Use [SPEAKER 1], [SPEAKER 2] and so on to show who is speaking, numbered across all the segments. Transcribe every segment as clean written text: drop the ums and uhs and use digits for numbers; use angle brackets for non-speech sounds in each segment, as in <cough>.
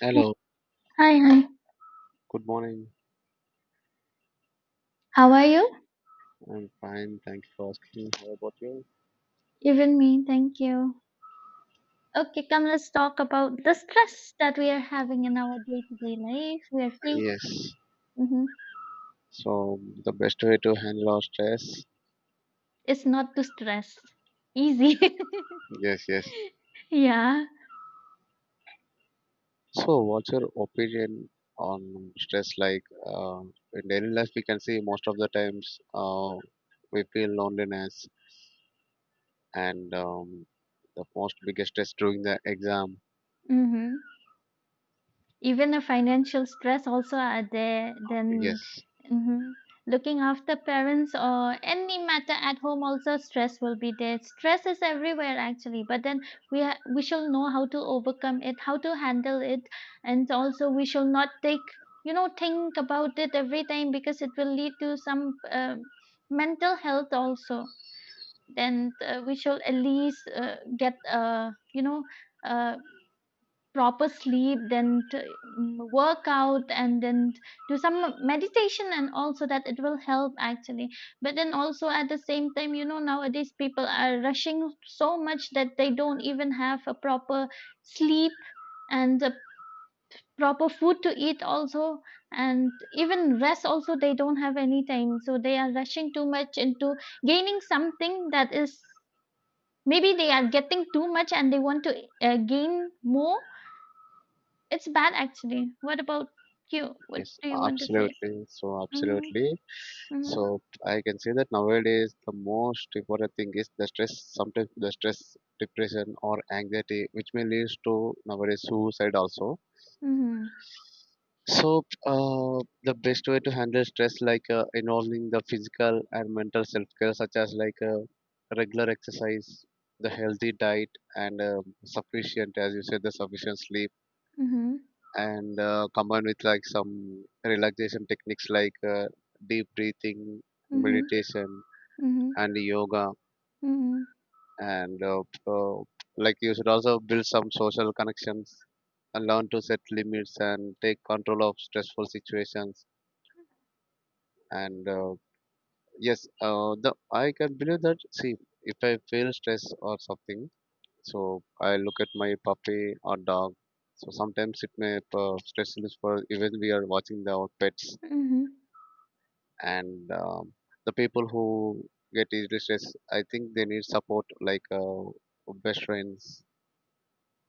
[SPEAKER 1] Hello,
[SPEAKER 2] Hi, hi.
[SPEAKER 1] good morning.
[SPEAKER 2] How are you?
[SPEAKER 1] I'm fine, thank you for asking. How about you?
[SPEAKER 2] Even me, thank you. Okay, come, let's talk about the stress that we are having in our day to day life. We are free.
[SPEAKER 1] Yes.
[SPEAKER 2] Mm-hmm.
[SPEAKER 1] So, the best way to handle our stress?
[SPEAKER 2] It's not too stress. Easy.
[SPEAKER 1] Yes, yes.
[SPEAKER 2] <laughs> yeah.
[SPEAKER 1] So, what's your opinion on stress? Like, in daily life, we can see most of the times we feel loneliness and the most biggest stress during the exam.
[SPEAKER 2] Mm-hmm. Even the financial stress also are there, then
[SPEAKER 1] Yes.
[SPEAKER 2] mhm. Looking after parents or any matter at home also stress will be there. Stress is everywhere actually, but then we shall know how to overcome it, how to handle it, and also we shall not take, think about it every time because it will lead to some mental health also. Then we shall at least get uh proper sleep, then to work out, and then do some meditation, and also that it will help actually. But then also at the same time, you know, nowadays people are rushing so much that they don't even have a proper sleep and a proper food to eat also, and even rest also they don't have any time, so they are rushing too much into gaining something that is, maybe they are getting too much and they want to gain more. It's bad actually. What about you? What
[SPEAKER 1] Yes,
[SPEAKER 2] do you want to say?
[SPEAKER 1] absolutely. So,
[SPEAKER 2] Mhm.
[SPEAKER 1] absolutely.
[SPEAKER 2] Mhm.
[SPEAKER 1] So, I can say that nowadays the most important thing is the stress, sometimes the stress, depression, or anxiety, which may lead to nowadays suicide also.
[SPEAKER 2] Mhm.
[SPEAKER 1] So, the best way to handle stress, like involving the physical and mental self care, such as like regular exercise, the healthy diet, and sufficient, as you said, the sufficient sleep
[SPEAKER 2] Mhm.
[SPEAKER 1] and combined with like some relaxation techniques like deep breathing,
[SPEAKER 2] Mhm.
[SPEAKER 1] meditation,
[SPEAKER 2] Mhm.
[SPEAKER 1] and yoga.
[SPEAKER 2] Mhm.
[SPEAKER 1] And Like you should also build some social connections and learn to set limits and take control of stressful situations. And yes, the I can believe that. See, if I feel stress or something, so I look at my puppy or dog. So sometimes it may stress relief for even we are watching the our pets
[SPEAKER 2] Mhm.
[SPEAKER 1] and the people who get easily stressed I think they need support like best friends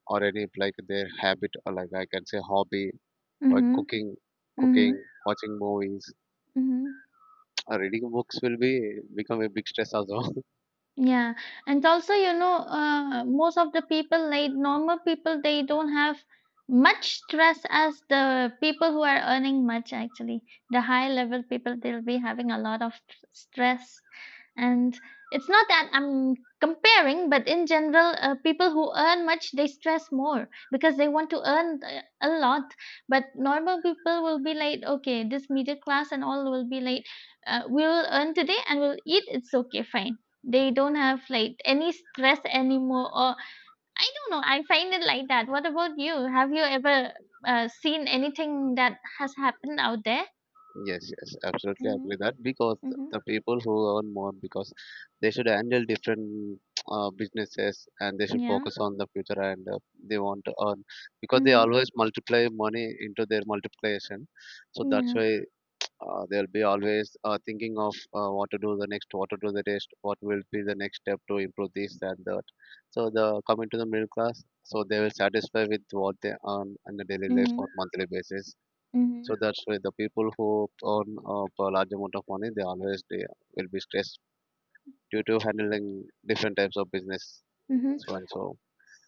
[SPEAKER 1] or any like their habit or like I can say hobby like
[SPEAKER 2] Mhm.
[SPEAKER 1] cooking cooking
[SPEAKER 2] Mhm.
[SPEAKER 1] watching movies
[SPEAKER 2] Mhm.
[SPEAKER 1] <tsk> or reading books will be become a big stress also.
[SPEAKER 2] Yeah, and also, you know, most of the people, like normal people, they don't have much stress as the people who are earning much, actually. The high level people, they'll be having a lot of stress. And it's not that I'm comparing, but in general, people who earn much, they stress more because they want to earn a lot. But normal people will be like, okay, this middle class and all will be like, we'll earn today and we'll eat, it's okay, fine, they don't have like any stress anymore, or I don't know. I find it like that. What about you? Have you ever seen anything that has happened out there?
[SPEAKER 1] Yes, yes, absolutely
[SPEAKER 2] Mm-hmm.
[SPEAKER 1] agree with that because
[SPEAKER 2] Mm-hmm.
[SPEAKER 1] the people who earn more because they should handle different businesses and they should
[SPEAKER 2] Yeah.
[SPEAKER 1] focus on the future and they want to earn because they
[SPEAKER 2] Mm-hmm.
[SPEAKER 1] always multiply money into their multiplication. So that's
[SPEAKER 2] Yeah.
[SPEAKER 1] why they'll be always thinking of what to do the next, what to do the next, what will be the next step to improve this and that. So the coming to the middle class, so they will satisfy with what they earn on a daily life
[SPEAKER 2] Mm-hmm.
[SPEAKER 1] or monthly basis,
[SPEAKER 2] Mm-hmm.
[SPEAKER 1] so that's why the people who earn up a large amount of money, they always they will be stressed due to handling different types of business.
[SPEAKER 2] Mm-hmm.
[SPEAKER 1] So and so.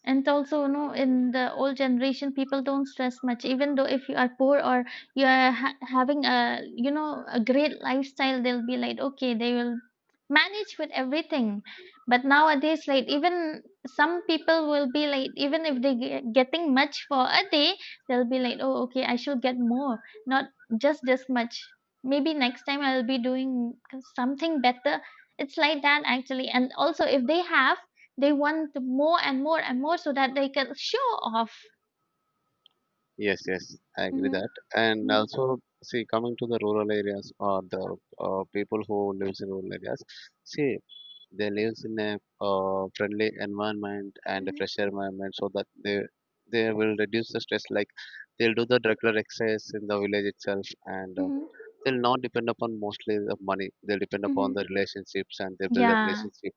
[SPEAKER 2] And also, you know, in the old generation, people don't stress much. Even though if you are poor or you are ha having a, you know, a great lifestyle, they'll be like, okay, they will manage with everything. But nowadays, like even some people will be like, even if they getting much for a day, they'll be like, oh, okay, I should get more, not just this much. Maybe next time I'll be doing something better. It's like that actually. And also, if they have, they want more and more and more so that they can show off.
[SPEAKER 1] Yes, yes, I agree
[SPEAKER 2] Mhm,
[SPEAKER 1] that. And
[SPEAKER 2] mhm,
[SPEAKER 1] also, see, coming to the rural areas or the people who lives in rural areas, see, they lives in a friendly environment and a
[SPEAKER 2] mhm,
[SPEAKER 1] fresh environment, so that they will reduce the stress. Like they'll do the regular exercise in the village itself, and
[SPEAKER 2] mhm,
[SPEAKER 1] they'll not depend upon mostly the money. They'll depend upon
[SPEAKER 2] mhm.
[SPEAKER 1] the relationships and they build a
[SPEAKER 2] Yeah,
[SPEAKER 1] relationship.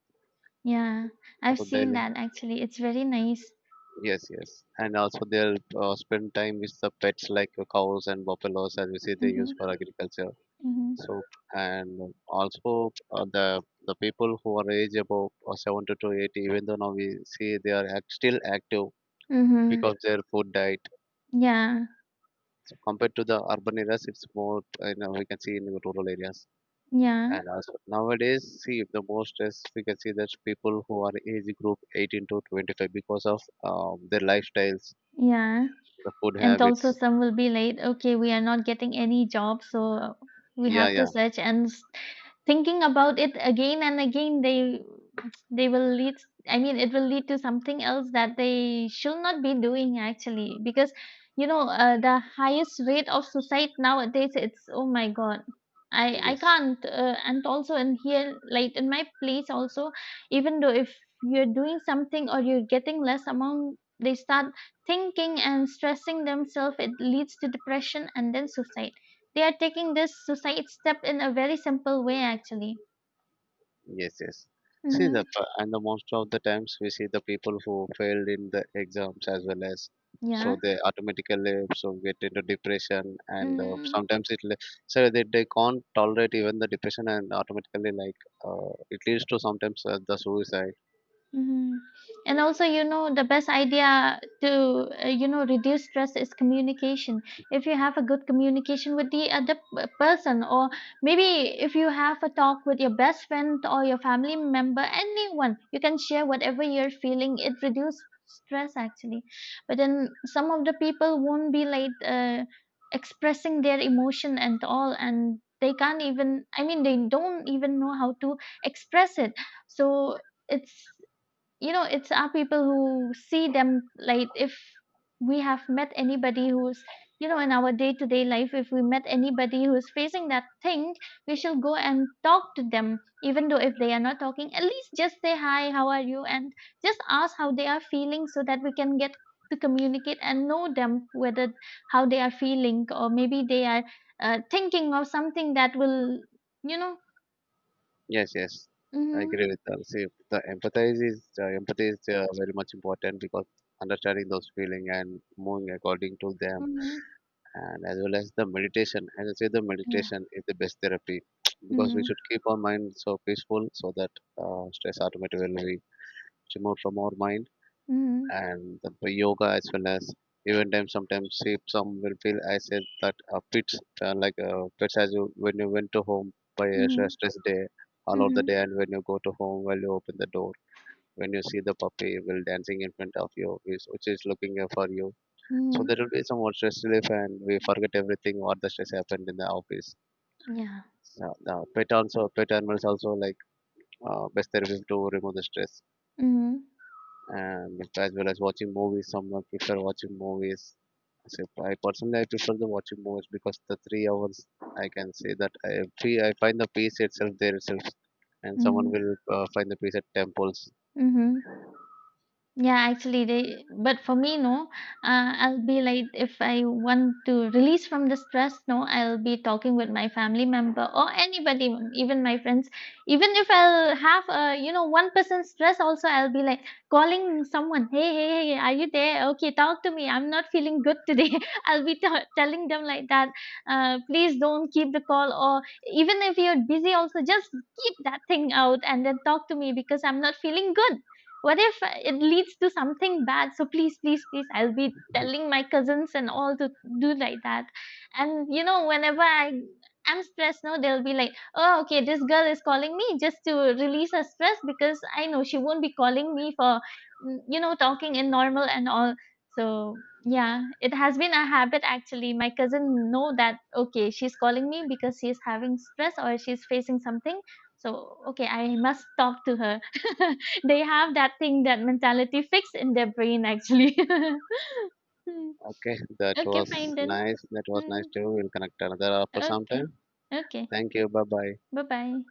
[SPEAKER 2] yeah. I've
[SPEAKER 1] So
[SPEAKER 2] seen
[SPEAKER 1] daily,
[SPEAKER 2] that actually. It's very nice.
[SPEAKER 1] yes, yes, and also they'll spend time with the pets like cows and buffaloes, as we see they
[SPEAKER 2] Mhm,
[SPEAKER 1] use for agriculture.
[SPEAKER 2] mhm,
[SPEAKER 1] So and also the people who are age above 70 to 80, even though now we see they are still active
[SPEAKER 2] mhm.
[SPEAKER 1] because their food diet.
[SPEAKER 2] Yeah,
[SPEAKER 1] So compared to the urban areas, it's more, you know, we can see in the rural areas.
[SPEAKER 2] yeah,
[SPEAKER 1] And also nowadays, see the most stress we can see that people who are age group 18 to 25 because of their lifestyles,
[SPEAKER 2] yeah.
[SPEAKER 1] the food
[SPEAKER 2] And also,
[SPEAKER 1] habits.
[SPEAKER 2] some will be like, okay, we are not getting any job, so we
[SPEAKER 1] Yeah,
[SPEAKER 2] have to
[SPEAKER 1] yeah,
[SPEAKER 2] search thinking about it again and again. They will lead, I mean, it will lead to something else that they should not be doing actually, because, you know, the highest rate of suicide nowadays, it's oh my God. I
[SPEAKER 1] yes,
[SPEAKER 2] can't and also in here like in my place also, even though if you're doing something or you're getting less amount, they start thinking and stressing themselves. It leads to depression and then suicide. They are taking this suicide step in a very simple way actually.
[SPEAKER 1] yes, yes. See
[SPEAKER 2] Mm-hmm.
[SPEAKER 1] the and the most of the times we see the people who failed in the exams as well as, so
[SPEAKER 2] Yeah.
[SPEAKER 1] they automatically so get into depression and
[SPEAKER 2] Mm-hmm.
[SPEAKER 1] sometimes it so they can't tolerate even the depression and automatically like it leads to sometimes the suicide.
[SPEAKER 2] Mhm. And also, you know, the best idea to, reduce stress is communication. If you have a good communication with the other person, or maybe if you have a talk with your best friend or your family member, anyone, you can share whatever you're feeling. It reduces stress actually. But then some of the people won't be like expressing their emotion and all, and they can't even, I mean, they don't even know how to express it. So, it's, you know, it's our people who see them, like if we have met anybody who's, you know, in our day to day life, if we met anybody who's facing that thing, we shall go and talk to them, even though if they are not talking, at least just say hi, how are you, and just ask how they are feeling so that we can get to communicate and know them, whether how they are feeling, or maybe they are thinking of something that will, you know.
[SPEAKER 1] Yes, yes, I
[SPEAKER 2] Mm-hmm,
[SPEAKER 1] agree with that. See, the empathize is empathy is very much important because understanding those feeling and moving according to them,
[SPEAKER 2] mm-hmm,
[SPEAKER 1] and as well as the meditation. As I say, the
[SPEAKER 2] yeah,
[SPEAKER 1] meditation is the best therapy <tsk> because we
[SPEAKER 2] mm-hmm,
[SPEAKER 1] should keep our mind so peaceful so that stress automatically will be removed from our mind
[SPEAKER 2] mm-hmm,
[SPEAKER 1] and the yoga as well as even time sometimes if some will feel I said that fits like fits as you when you went to home by a
[SPEAKER 2] mm-hmm,
[SPEAKER 1] stress day all of the
[SPEAKER 2] mm-hmm.
[SPEAKER 1] day and when you go to home while you open the door when you see the puppy will dancing in front of you which is looking for you so
[SPEAKER 2] Mhm.
[SPEAKER 1] there will be some more stress relief and we forget everything what the stress happened in the office.
[SPEAKER 2] Yeah.
[SPEAKER 1] Now, pet also pet animals also like best therapy to remove the stress.
[SPEAKER 2] Mhm.
[SPEAKER 1] And as well as watching movies. Someone prefer watching movies. So I personally I prefer the watching movies because the 3 hours I can say that I find the peace itself there itself, and someone
[SPEAKER 2] Mhm.
[SPEAKER 1] will find the peace at temples.
[SPEAKER 2] Mhm. Yeah, actually, they, but for me, no, I'll be like, if I want to release from the stress, no, I'll be talking with my family member or anybody, even my friends. Even if I'll have a, you know, one person stress, also, I'll be like calling someone, hey, hey, hey, are you there? Okay, talk to me. I'm not feeling good today. <laughs> I'll be telling them like that, please don't keep the call, or even if you're busy, also just keep that thing out and then talk to me because I'm not feeling good. What if it leads to something bad? So please, please, please, I'll be telling my cousins and all to do like that. And you know, whenever I'm stressed now, they'll be like, oh okay, this girl is calling me just to release her stress, because I know she won't be calling me for, you know, talking in normal and all. So yeah, it has been a habit actually. My cousin know that, okay, she's calling me because she's having stress or she's facing something, so okay, I must talk to her. <laughs> They have that thing, that mentality fixed in their brain, actually. <laughs> Hmm.
[SPEAKER 1] Okay, that
[SPEAKER 2] Okay,
[SPEAKER 1] was
[SPEAKER 2] fine then.
[SPEAKER 1] nice. That was nice
[SPEAKER 2] Hmm.
[SPEAKER 1] too. We'll connect another after some
[SPEAKER 2] Okay.
[SPEAKER 1] time.
[SPEAKER 2] Okay.
[SPEAKER 1] Thank you. Bye bye.
[SPEAKER 2] Bye bye.